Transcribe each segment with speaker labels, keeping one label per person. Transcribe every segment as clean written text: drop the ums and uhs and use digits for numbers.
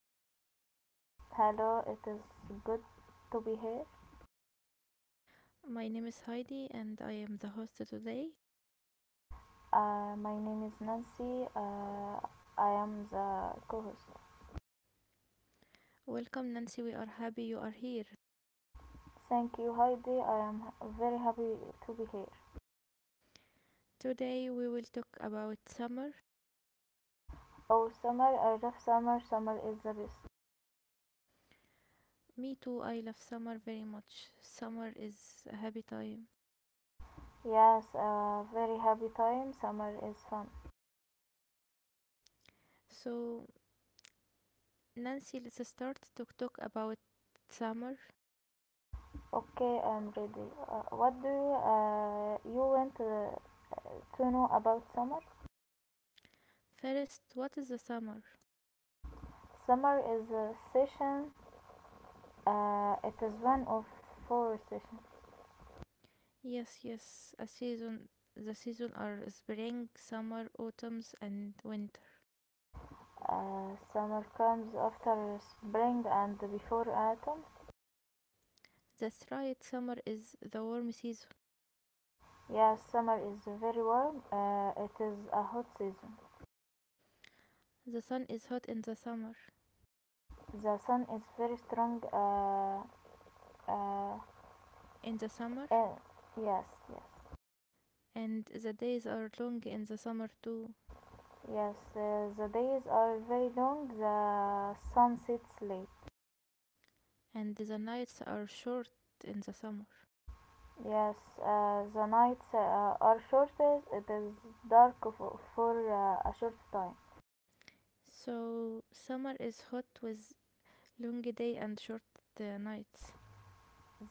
Speaker 1: show.
Speaker 2: Hello, it is good to be here.
Speaker 1: My name is Heidi and I am the host today.
Speaker 2: My name is Nancy. I am the co host.
Speaker 1: Welcome, Nancy. We are happy you are here.
Speaker 2: Thank you, Heidi. I am very happy to be here.
Speaker 1: Today, we will talk about summer.
Speaker 2: Oh, summer, I love summer. Summer is the best.
Speaker 1: Me too, I love summer very much. Summer is a happy time.
Speaker 2: Yes, very happy time. Summer is fun.
Speaker 1: So, Nancy, let's start to talk about summer.
Speaker 2: Okay, I'm ready. What do you want to know about summer?
Speaker 1: First, what is the summer?
Speaker 2: Summer is a session, it is one of four sessions.
Speaker 1: Yes, yes, a season. The season are spring, summer, autumns, and winter.
Speaker 2: Summer comes after spring and before autumn.
Speaker 1: That's right, summer is the warm season.
Speaker 2: Yes, summer is very warm. It is a hot season.
Speaker 1: The sun is hot in the summer.
Speaker 2: The sun is very strong. Uh,
Speaker 1: In the summer,
Speaker 2: eh, yes, yes,
Speaker 1: and the days are long in the summer too,
Speaker 2: yes. The days are very long. The sun sets late.
Speaker 1: and the nights are short in the summer.
Speaker 2: Yes, the nights are shortest. It is dark for a short time.
Speaker 1: So, summer is hot with long day and short nights.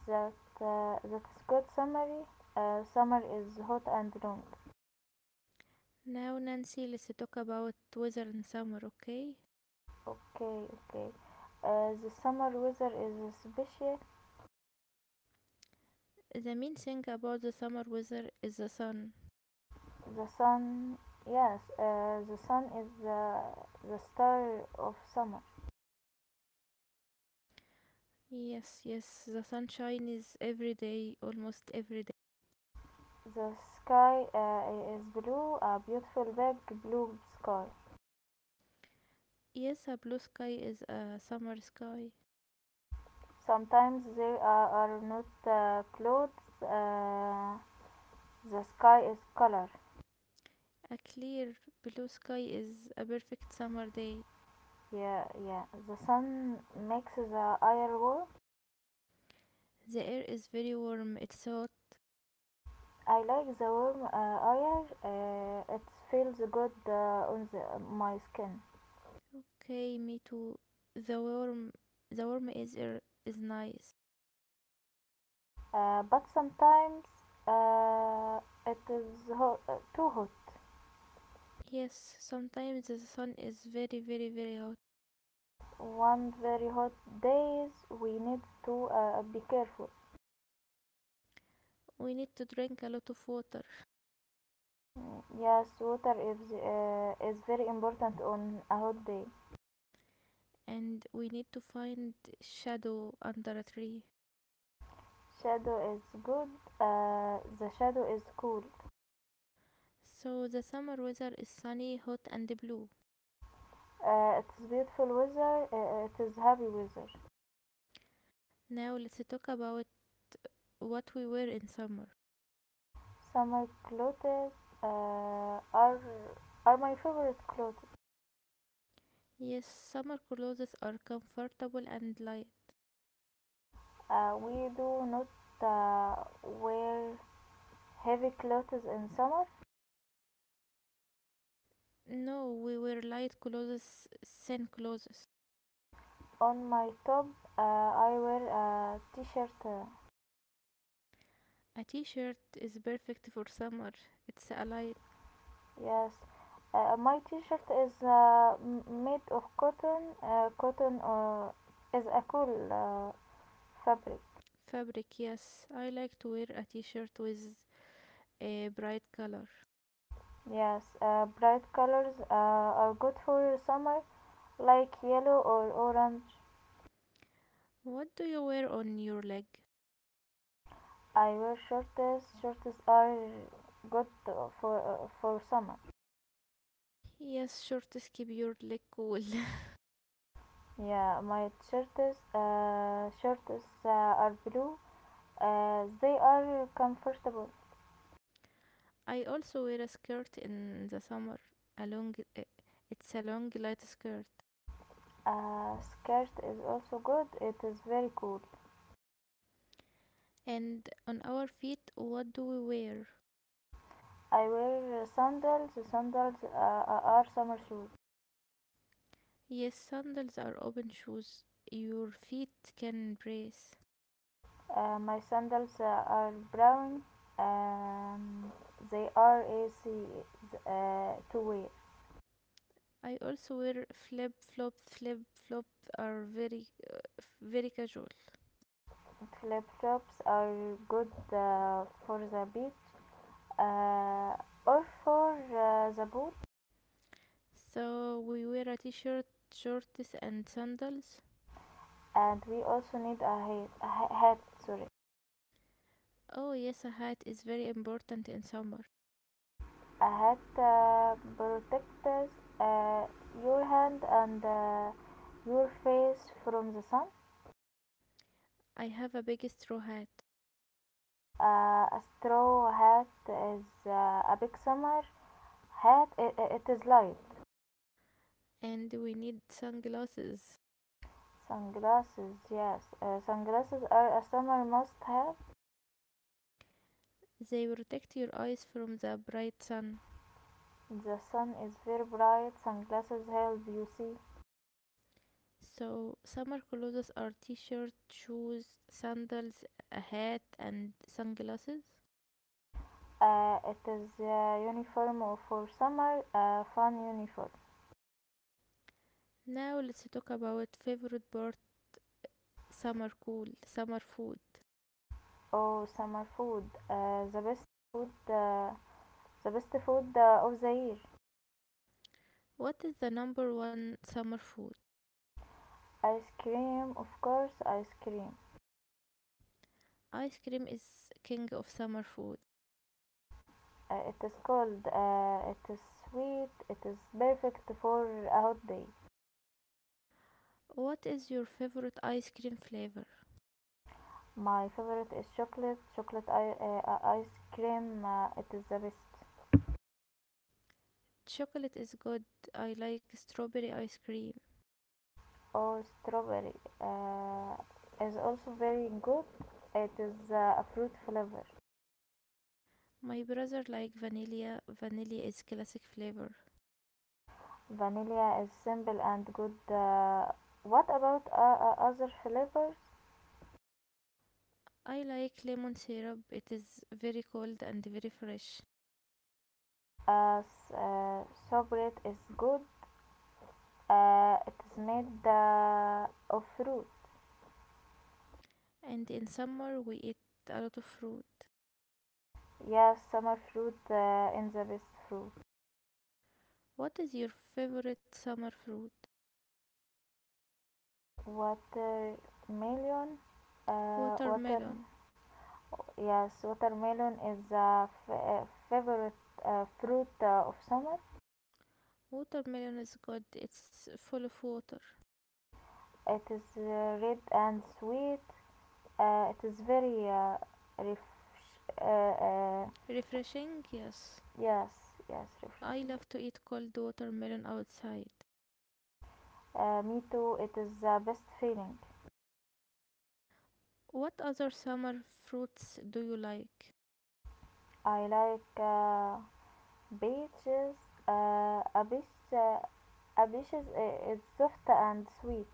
Speaker 2: That that is good summary. Summer is hot and long.
Speaker 1: Now, Nancy, let's talk about weather in summer, okay?
Speaker 2: Okay, okay. The summer weather is special.
Speaker 1: The main thing about the summer weather is the sun.
Speaker 2: The sun, yes, the sun is the star of summer.
Speaker 1: Yes, yes, the sunshine is every day, almost every day.
Speaker 2: The sky is blue, a beautiful big blue sky.
Speaker 1: Yes, a blue sky is a summer sky.
Speaker 2: Sometimes there are not clouds. The sky is color.
Speaker 1: A clear blue sky is a perfect summer day.
Speaker 2: Yeah, yeah. The sun makes the air warm.
Speaker 1: The air is very warm. It's
Speaker 2: I like the warm air. It feels good on my skin.
Speaker 1: okay. Me too. The warm, the warm is air is nice.
Speaker 2: But sometimes uh, it is too hot.
Speaker 1: Yes, sometimes the sun is very, very, very hot.
Speaker 2: One very hot days we need to be careful.
Speaker 1: We need to drink a lot of water,
Speaker 2: Yes, water is very important on a hot day.
Speaker 1: and we need to find shadow under a tree.
Speaker 2: Shadow is good. The shadow is cool.
Speaker 1: So the summer weather is sunny, hot, and blue.
Speaker 2: It is beautiful weather. It is happy weather.
Speaker 1: Now let's talk about what we wear in summer.
Speaker 2: Summer clothes uh, are are my favorite clothes.
Speaker 1: Yes, summer clothes are comfortable and light.
Speaker 2: We do not wear heavy clothes in summer.
Speaker 1: No, we wear light clothes, thin clothes.
Speaker 2: On my top, I wear a t-shirt. uh,
Speaker 1: A t-shirt is perfect for summer. It's a light
Speaker 2: yes, uh, my t-shirt is made of cotton. Cotton is a cool fabric.
Speaker 1: fabric, yes. I like to wear a t-shirt with a bright color.
Speaker 2: Yes, bright colors are good for summer, like yellow or orange.
Speaker 1: What do you wear on your leg?
Speaker 2: I wear shorts. Shorts are good for summer.
Speaker 1: Yes, shorts keep your leg cool.
Speaker 2: Yeah, my shirts shorts are blue. They are comfortable.
Speaker 1: I also wear a skirt in the summer. A long, eh, it's a long light skirt.
Speaker 2: A skirt is also good. It is very cool.
Speaker 1: And on our feet, what do we wear?
Speaker 2: I wear sandals. Sandals are summer shoes.
Speaker 1: Yes, sandals are open shoes. Your feet can brace.
Speaker 2: My sandals are brown. Um, they are easy to wear.
Speaker 1: I also wear flip flop. Flip flop are very, very casual.
Speaker 2: Flip flops are good for the beach, uh, or for the boot.
Speaker 1: So we wear a t-shirt, shorts, and sandals.
Speaker 2: And we also need a hat, a hat, sorry,
Speaker 1: Oh yes, a hat is very important in summer.
Speaker 2: a hat protects uh, your hand and your face from the sun.
Speaker 1: I have a big straw hat,
Speaker 2: A straw hat is a big summer hat. It is light.
Speaker 1: and we need sunglasses.
Speaker 2: Sunglasses, yes, sunglasses are a summer must have.
Speaker 1: They protect your eyes from the bright sun.
Speaker 2: The sun is very bright. Sunglasses help you see.
Speaker 1: So summer clothes are t-shirt, shoes, sandals, a hat, and sunglasses.
Speaker 2: It is uniform for summer fun uniform
Speaker 1: Now let's talk about favorite part: summer cool, summer food.
Speaker 2: or summer food. The food, uh, the best food of the year.
Speaker 1: What is the number one summer food?
Speaker 2: Ice cream, of course, ice cream.
Speaker 1: Ice cream is king of summer food.
Speaker 2: It is cold. It is sweet. It is perfect for a hot day.
Speaker 1: What is your favorite ice cream flavor?
Speaker 2: My favorite is chocolate. Chocolate ice cream. It is the best.
Speaker 1: Chocolate is good. I like strawberry ice cream.
Speaker 2: Or strawberry uh, is also very good. It is a fruit flavor.
Speaker 1: My brother like vanilla. Vanilla is classic flavor.
Speaker 2: Vanilla is simple and good. What about other flavors?
Speaker 1: I like lemon syrup. It is very cold and very fresh.
Speaker 2: Uh, s- uh, sorbet is good. It is made of fruit.
Speaker 1: And in summer we eat a lot of fruit.
Speaker 2: Yes, summer fruit in the best fruit.
Speaker 1: What is your favorite summer fruit?
Speaker 2: Watermelon. Water.
Speaker 1: Watermelon.
Speaker 2: Yes, watermelon is a favorite fruit of summer.
Speaker 1: Watermelon is good. It's full of water.
Speaker 2: It is red and sweet. It is very refresh-
Speaker 1: Refreshing? Yes.
Speaker 2: Yes, yes,
Speaker 1: I
Speaker 2: refreshing.
Speaker 1: love to eat cold watermelon outside.
Speaker 2: Me too. It is the best feeling.
Speaker 1: What other summer fruits do you like?
Speaker 2: I like beaches. A a beach is soft and sweet,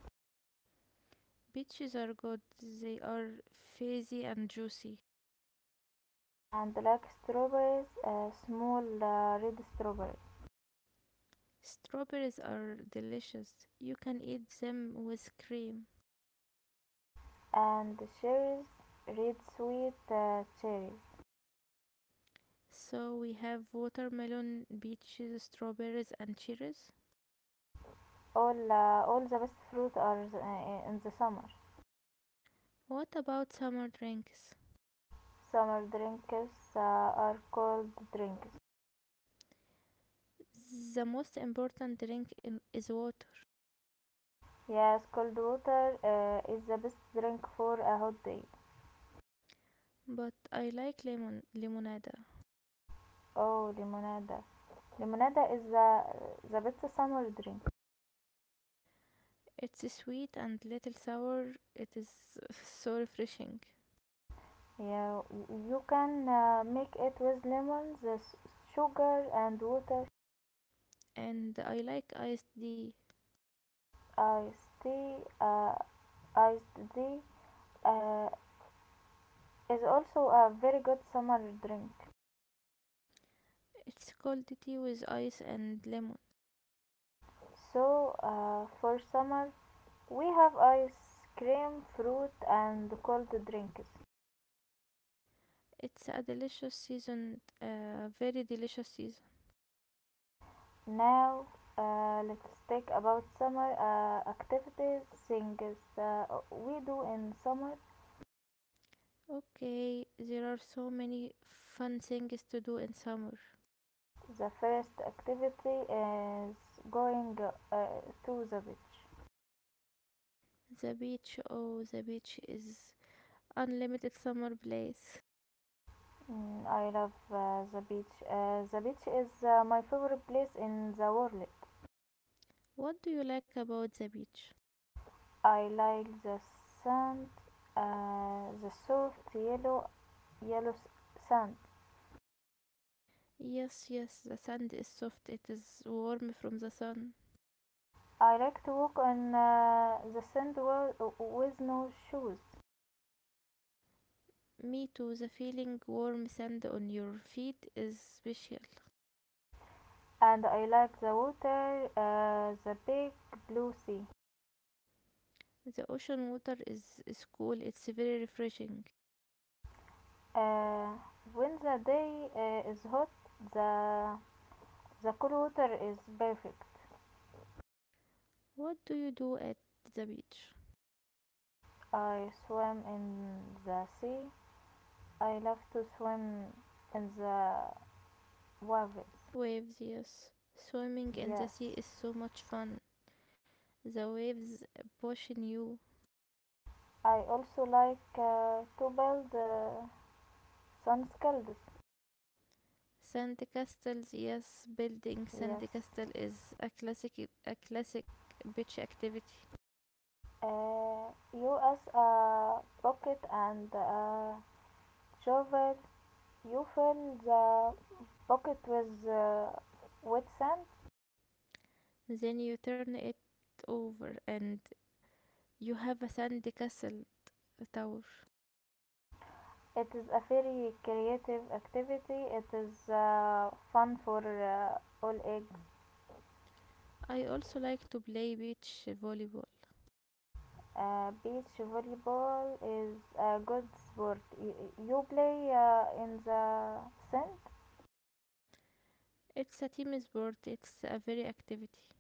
Speaker 1: Peaches are good, they are fizzy and juicy.
Speaker 2: and like strawberries, small red strawberries,
Speaker 1: Strawberries are delicious. You can eat them with cream.
Speaker 2: and cherries, red sweet cherries.
Speaker 1: So we have watermelon, peaches, strawberries, and cherries.
Speaker 2: All the best fruit are in the summer.
Speaker 1: What about summer drinks?
Speaker 2: Summer drinks are cold drinks.
Speaker 1: The most important drink in, is water,
Speaker 2: Yes, cold water is the best drink for a hot day.
Speaker 1: but I like lemon lemonade.
Speaker 2: Oh, limonada. Limonada is the best summer drink.
Speaker 1: It's sweet and little sour. It is so refreshing.
Speaker 2: Yeah, you can make it with lemons, sugar, and water.
Speaker 1: And I like iced tea.
Speaker 2: Iced tea uh, is also a very good summer drink.
Speaker 1: It's cold tea with ice and lemon.
Speaker 2: So, for summer, we have ice cream, fruit, and cold drinks.
Speaker 1: It's a delicious season, a very delicious season.
Speaker 2: Now, let's think about summer activities, things we do in summer.
Speaker 1: Okay, there are so many fun things to do in summer.
Speaker 2: The first activity is going uh, to the beach.
Speaker 1: The beach, oh, the beach is unlimited summer place.
Speaker 2: Mm, I love the beach. The beach is my favorite place in the world.
Speaker 1: What do you like about the beach?
Speaker 2: I like the sand, the soft yellow, yellow sand.
Speaker 1: Yes, yes, the sand is soft. It is warm from the sun.
Speaker 2: I like to walk on the sand with no shoes.
Speaker 1: Me too. The feeling warm sand on your feet is special.
Speaker 2: And I like the water, the big blue sea.
Speaker 1: The ocean water is cool. It's very refreshing.
Speaker 2: Uh, when the day is hot, the the cool water is perfect.
Speaker 1: What do you do at the beach?
Speaker 2: I swim in the sea. I love to swim in the waves.
Speaker 1: Waves, yes. Swimming in the
Speaker 2: Yes.
Speaker 1: sea is so much fun. The waves pushing you.
Speaker 2: I also like to build sunscalds.
Speaker 1: Sand castles, yes. Building
Speaker 2: Yes.
Speaker 1: sand castle is a classic beach activity.
Speaker 2: You as a bucket and a shovel, you fill the Pocket with wet sand.
Speaker 1: Then you turn it over and you have a sand castle tower.
Speaker 2: It is a very creative activity. It is fun for all ages.
Speaker 1: I also like to play beach volleyball.
Speaker 2: Beach volleyball is a good sport. You play in the sand,
Speaker 1: It's a team sport, it's a very activity.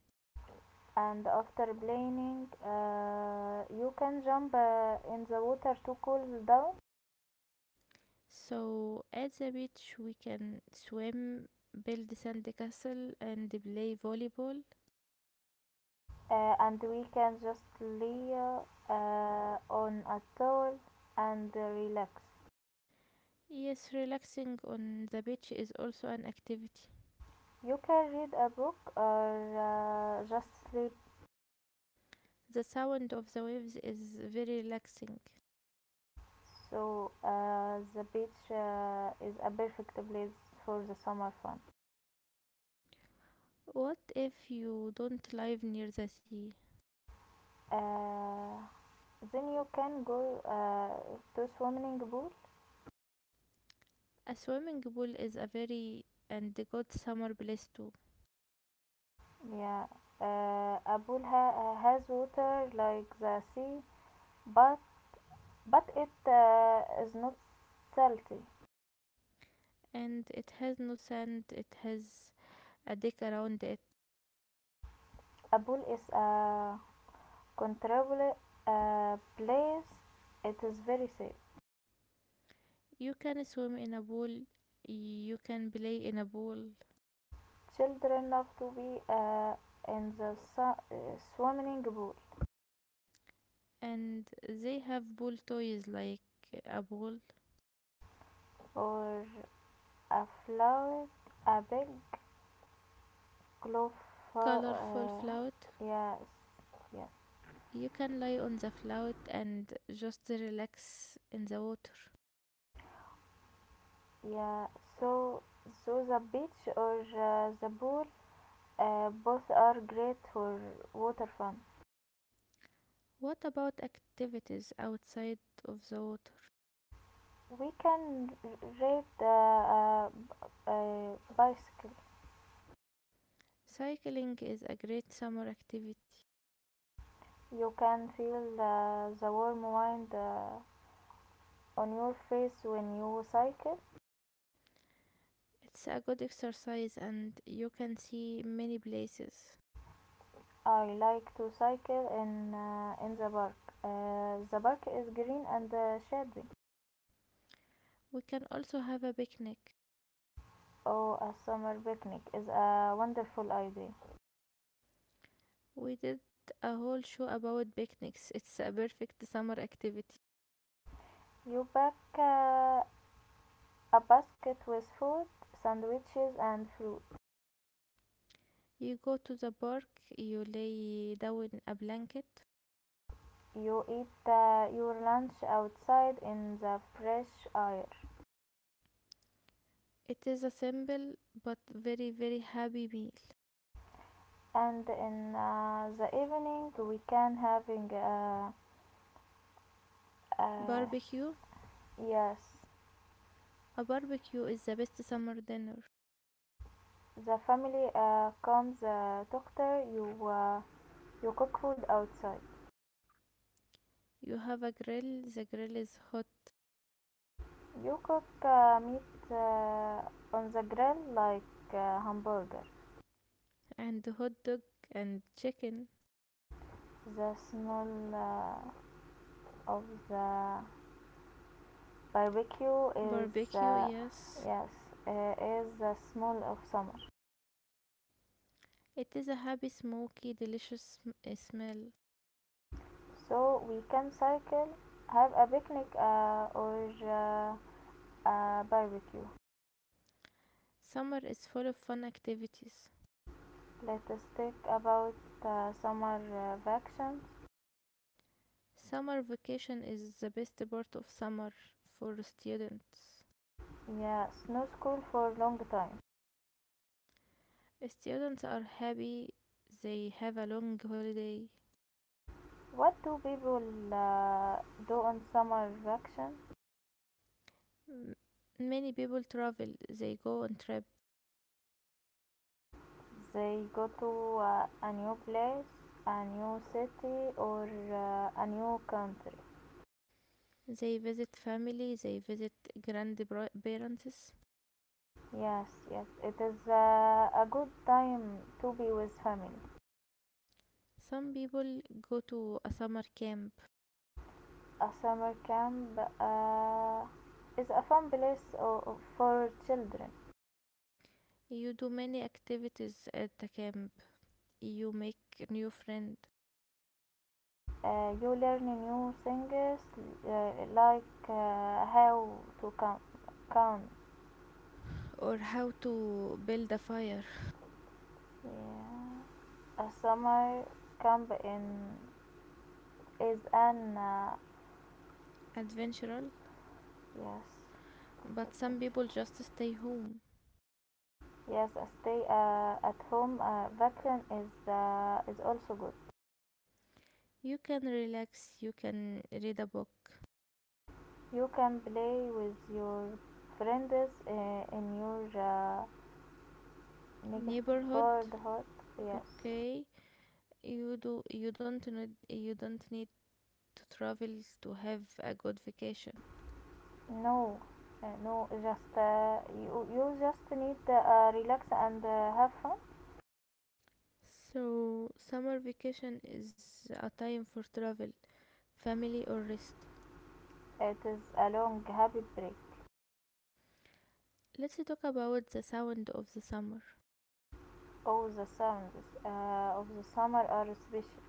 Speaker 2: and after playing, you can jump in the water to cool down.
Speaker 1: So at the beach we can swim, build sand castle and play volleyball.
Speaker 2: And we can just lay on a towel and relax.
Speaker 1: Yes, relaxing on the beach is also an activity.
Speaker 2: You can read a book or just sleep.
Speaker 1: The sound of the waves is very relaxing.
Speaker 2: So the beach is a perfect place for the summer fun.
Speaker 1: What if you don't live near the sea?
Speaker 2: Uh, then you can go to swimming pool.
Speaker 1: A swimming pool is a very and good summer place too.
Speaker 2: Yeah, a pool has water like the sea, but but it is not salty.
Speaker 1: And it has no sand, it has a deck around it.
Speaker 2: A pool is a controllable place. It is very safe.
Speaker 1: You can swim in a pool, you can play in a pool,
Speaker 2: Children love to be in the swimming pool
Speaker 1: and they have pool toys like a pool,
Speaker 2: or afloat a big cliff.
Speaker 1: colorful
Speaker 2: Uh,
Speaker 1: float.
Speaker 2: yes, yes,
Speaker 1: You can lie on the float and just relax in the water.
Speaker 2: yeah. So, so the beach or the pool, both are great for water fun.
Speaker 1: What about activities outside of the water?
Speaker 2: We can ride the a, bicycle.
Speaker 1: Cycling is a great summer activity.
Speaker 2: You can feel the warm wind on your face when you cycle.
Speaker 1: It's a good exercise and you can see many places.
Speaker 2: I like to cycle in in the park. The park is green and shady.
Speaker 1: We can also have a picnic.
Speaker 2: Oh, a summer picnic is a wonderful idea.
Speaker 1: We did a whole show about picnics. It's a perfect summer activity.
Speaker 2: You pack a basket with food, sandwiches, and fruit.
Speaker 1: You go to the park, you lay down a blanket.
Speaker 2: You eat your lunch outside in the fresh air,
Speaker 1: It is a simple but very, very happy meal.
Speaker 2: and in the evening we can having uh,
Speaker 1: Barbecue.
Speaker 2: yes.
Speaker 1: A barbecue is the best summer dinner.
Speaker 2: The family comes doctor you. You cook food outside.
Speaker 1: You have a grill, the grill is hot,
Speaker 2: You cook meat on the grill like hamburger.
Speaker 1: and hot dog and chicken.
Speaker 2: The smell uh, of the barbecue is
Speaker 1: Barbecue, yes.
Speaker 2: yes is the smell of summer.
Speaker 1: It is a happy, smoky, delicious smell.
Speaker 2: So we can cycle, have a picnic or a barbecue.
Speaker 1: Summer is full of fun activities.
Speaker 2: Let us think about summer vacations.
Speaker 1: Summer vacation is the best part of summer for students.
Speaker 2: Yeah, snow school for a long time.
Speaker 1: Students are happy they have a long holiday.
Speaker 2: What do people uh, do on summer vacation?
Speaker 1: M- Many people travel, they go on trip,
Speaker 2: They go to a new place, a new city, or a new country.
Speaker 1: they visit family, they visit grandparents.
Speaker 2: Yes, yes, it is a good time to be with family.
Speaker 1: Some people go to a summer camp.
Speaker 2: A summer camp is a fun place for children.
Speaker 1: You do many activities at the camp. You make new friend
Speaker 2: You learn new things like how to count. Count.
Speaker 1: or how to build a fire.
Speaker 2: Yeah. A summer camp in is an
Speaker 1: Adventural,
Speaker 2: yes.
Speaker 1: but some people just stay home.
Speaker 2: Yes, a stay at home vacation is also good.
Speaker 1: You can relax, you can read a book.
Speaker 2: You can play with your friends in your negative
Speaker 1: Neighborhood,
Speaker 2: board hot. Yes,
Speaker 1: okay. You don't need to travel to have a good vacation.
Speaker 2: no, no, just you just need to relax and have fun.
Speaker 1: So summer vacation is a time for travel, family or rest.
Speaker 2: It is a long happy break.
Speaker 1: Let's talk about the sound of the summer.
Speaker 2: All the sounds of the summer are special.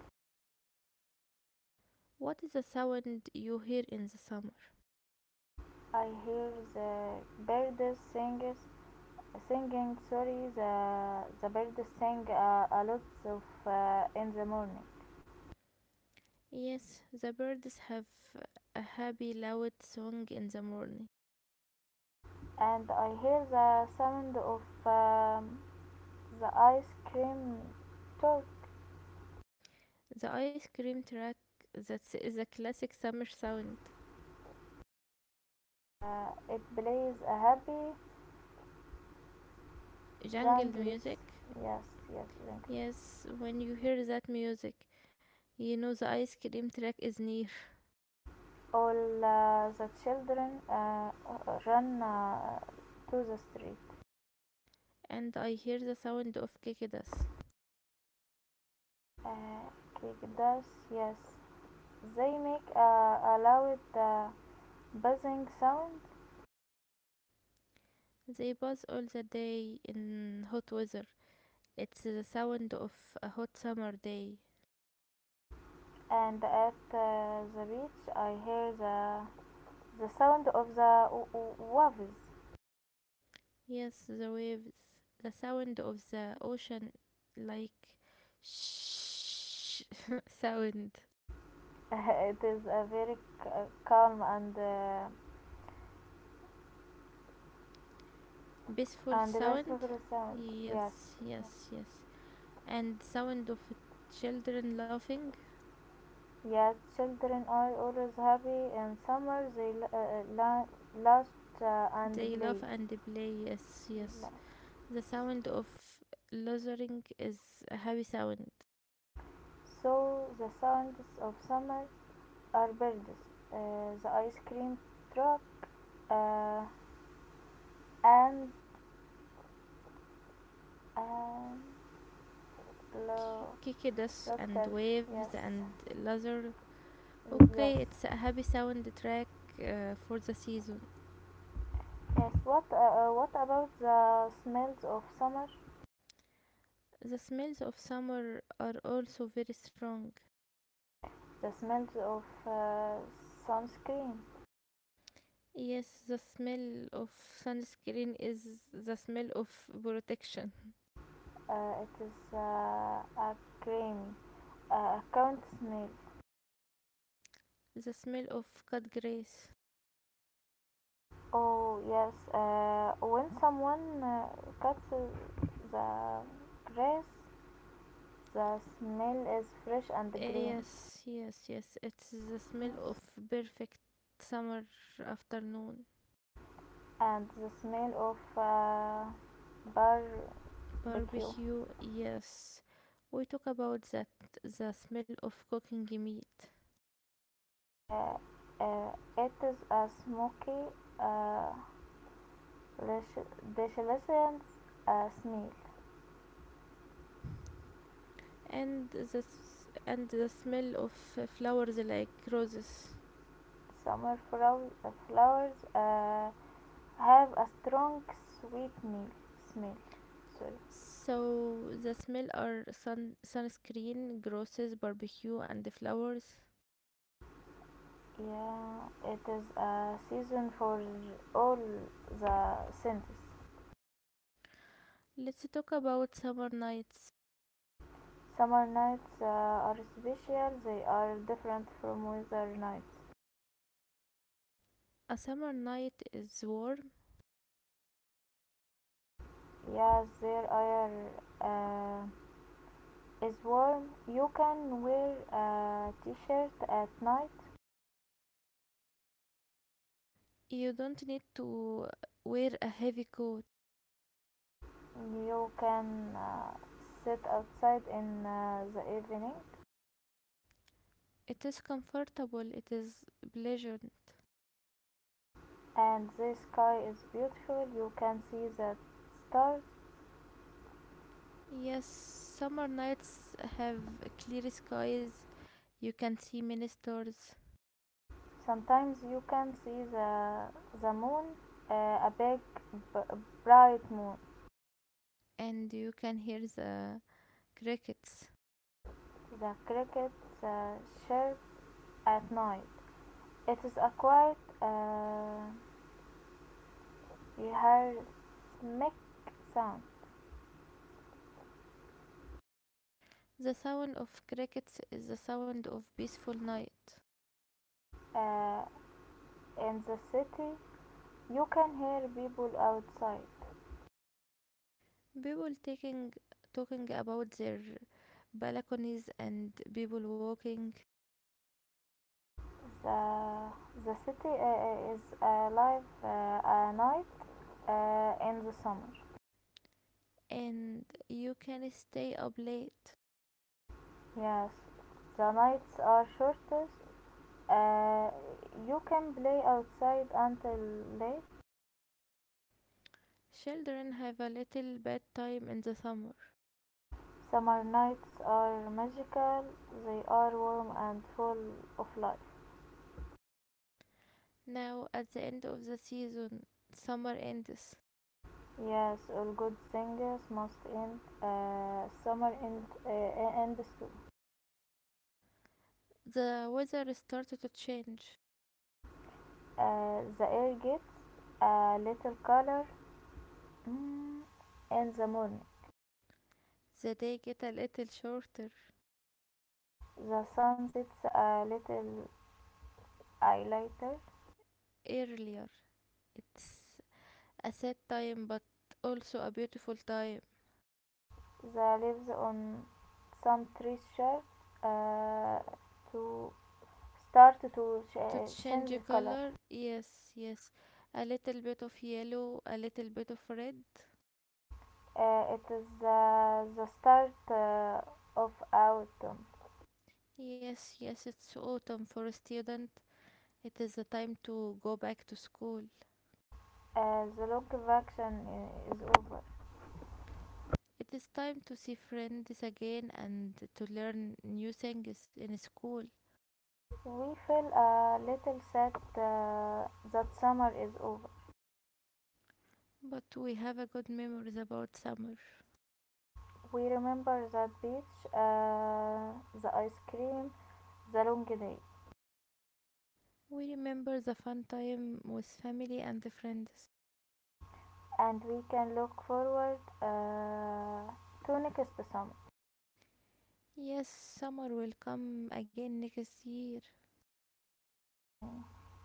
Speaker 1: What is the sound you hear in the summer?
Speaker 2: I hear the birds singing, singing, sorry, the birds sing a lot of in the morning.
Speaker 1: Yes, the birds have a happy loud song in the morning.
Speaker 2: And I hear the sound of the ice cream truck.
Speaker 1: The ice cream truck, that is a classic summer sound.
Speaker 2: It plays a happy
Speaker 1: Jungle
Speaker 2: jungle.
Speaker 1: music.
Speaker 2: Yes, yes.
Speaker 1: Yes, when you hear that music, you know the ice cream truck is near.
Speaker 2: All the children run to the street.
Speaker 1: And I hear the sound of cicadas.
Speaker 2: uh, kick does, yes, they make a loud buzzing sound.
Speaker 1: They buzz all the day in hot weather. It's the sound of a hot summer day.
Speaker 2: And at the beach I hear the sound of the waves.
Speaker 1: Yes, the waves, the sound of the ocean, like shh sound.
Speaker 2: It is a very calm
Speaker 1: Peaceful
Speaker 2: and
Speaker 1: sound.
Speaker 2: peaceful sound. Yes,
Speaker 1: Yes, yes, yes. And sound of children laughing.
Speaker 2: yes. Children are always happy in summer. They laugh and
Speaker 1: They
Speaker 2: play.
Speaker 1: laugh and they play. Yes, yes.
Speaker 2: Yes.
Speaker 1: The sound of lasering is a heavy sound.
Speaker 2: So the sounds of summer are birds, the ice cream truck, uh, and and love.
Speaker 1: Kikidas and
Speaker 2: Doctor,
Speaker 1: waves
Speaker 2: yes,
Speaker 1: and laser.
Speaker 2: yes, yes.
Speaker 1: Okay, it's a happy sound track for the season.
Speaker 2: What about the smells of summer?
Speaker 1: The smells of summer are also very strong.
Speaker 2: The smells of sunscreen.
Speaker 1: Yes, the smell of sunscreen is the smell of protection.
Speaker 2: It is creamy, account smell.
Speaker 1: The smell of cut grass.
Speaker 2: Oh yes, when someone cuts the grass, the smell is fresh and green.
Speaker 1: Yes, yes, yes. It's the smell of
Speaker 2: Yes,
Speaker 1: perfect summer afternoon.
Speaker 2: and the smell of barbecue.
Speaker 1: Barbecue, yes. We talk about that the smell of cooking meat
Speaker 2: uh, it is a smoky, uh, deliciousness smell.
Speaker 1: and the smell of flowers like roses.
Speaker 2: Summer flowers have a strong sweet meal, smell. Sorry.
Speaker 1: So the smell are sun sunscreen, grosses, barbecue, and the flowers.
Speaker 2: Yeah, it is a season for all the senses.
Speaker 1: Let's talk about summer nights.
Speaker 2: Summer nights are special. They are different from winter nights.
Speaker 1: A summer night is warm.
Speaker 2: Yes, there are. Uh, is warm, you can wear a t-shirt at night.
Speaker 1: You don't need to wear a heavy coat.
Speaker 2: You can uh, sit outside in the evening.
Speaker 1: It is comfortable, it is pleasant.
Speaker 2: And the sky is beautiful, you can see the stars.
Speaker 1: Yes, summer nights have clear skies. You can see many stars
Speaker 2: Sometimes you can see the moon, uh, a big b- bright moon.
Speaker 1: and you can hear the crickets.
Speaker 2: The crickets chirp at night. It is a quiet rhythmic sound.
Speaker 1: The sound of crickets is the sound of peaceful night.
Speaker 2: Uh, in the city you can hear people outside.
Speaker 1: People taking talking about their balconies and people walking
Speaker 2: The the city is alive at night in the summer.
Speaker 1: and you can stay up late.
Speaker 2: Yes, the nights are shortest. Uh, you can play outside until late.
Speaker 1: Children have a little bad time in the summer.
Speaker 2: Summer nights are magical. They are warm and full of life.
Speaker 1: Now, at the end of the season, summer ends.
Speaker 2: Yes, all good things must end. Summer ends too.
Speaker 1: The weather started to change.
Speaker 2: The air gets a little color. Mm, in the morning,
Speaker 1: The day get a little shorter,
Speaker 2: the sun sets a little I later.
Speaker 1: earlier. It's a sad time, but also a beautiful time.
Speaker 2: The leaves on some trees start uh, to start to
Speaker 1: To change
Speaker 2: change color.
Speaker 1: color, yes, yes. A little bit of yellow, a little bit of red.
Speaker 2: It is the start of autumn.
Speaker 1: Yes, yes, it's autumn for a student. It is the time to go back to school.
Speaker 2: The long vacation is over.
Speaker 1: It is time to see friends again and to learn new things in school.
Speaker 2: We feel a little sad that summer is over.
Speaker 1: But we have a good memories about summer.
Speaker 2: We remember that beach, the ice cream, the long day,
Speaker 1: We remember the fun time with family and friends.
Speaker 2: and we can look forward to next summer.
Speaker 1: Yes, summer will come again next year.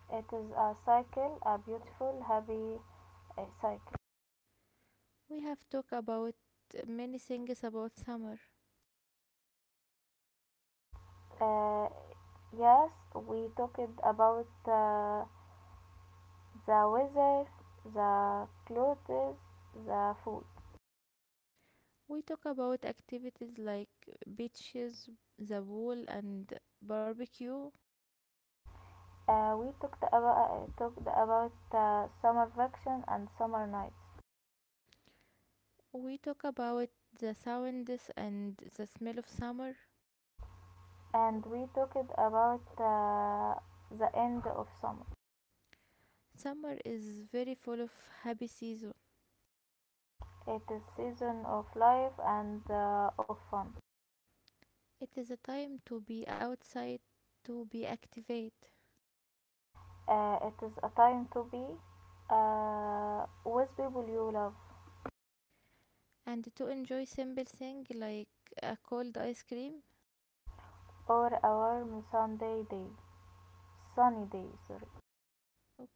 Speaker 2: It is a cycle, a beautiful, happy cycle.
Speaker 1: We have talked about many things about summer.
Speaker 2: Uh, yes, we talked about the weather, the clothes, the food.
Speaker 1: We talk about activities like beaches, the pool, and barbecue.
Speaker 2: We talked about summer vacation and summer night.
Speaker 1: We talk about the sounds and the smell of summer.
Speaker 2: And we talked about the end of summer.
Speaker 1: Summer is very full of happy season.
Speaker 2: It is season of life and of fun.
Speaker 1: It is a time to be outside, to be activate,
Speaker 2: It is a time to be with people you love
Speaker 1: and to enjoy simple thing like a cold ice cream.
Speaker 2: or a warm sunny day. Sorry.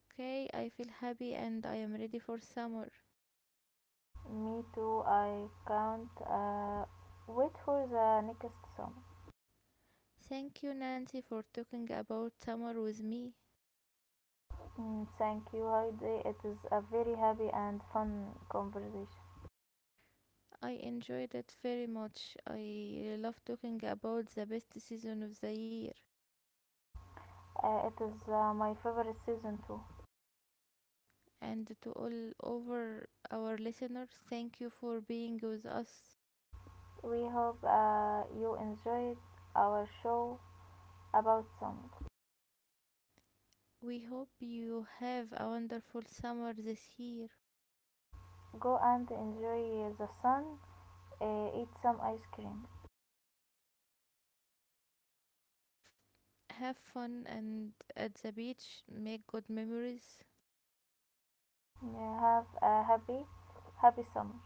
Speaker 1: Okay, I feel happy and I am ready for summer.
Speaker 2: Me too. I can't wait for the next summer.
Speaker 1: Thank you, Nancy, for talking about summer with me.
Speaker 2: Mm, thank you, Heidi. It is a very happy and fun conversation.
Speaker 1: I enjoyed it very much. I love talking about the best season of the year.
Speaker 2: It is my favorite season too.
Speaker 1: And to all over our listeners, thank you for being with us.
Speaker 2: We hope you enjoyed our show about song.
Speaker 1: We hope you have a wonderful summer this year.
Speaker 2: Go and enjoy the sun. Eat some ice cream.
Speaker 1: Have fun and at the beach, make good memories.
Speaker 2: Yeah, have a happy, happy summer.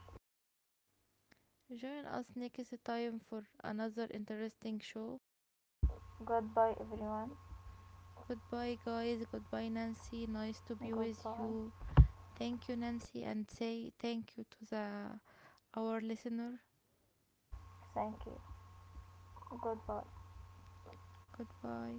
Speaker 1: Join us next time for another interesting show.
Speaker 2: Goodbye, everyone.
Speaker 1: Goodbye, guys. Goodbye, Nancy. Nice to be with
Speaker 2: Goodbye.
Speaker 1: you. Thank you, Nancy, and say thank you to the our listener.
Speaker 2: Thank you. Goodbye.
Speaker 1: Goodbye.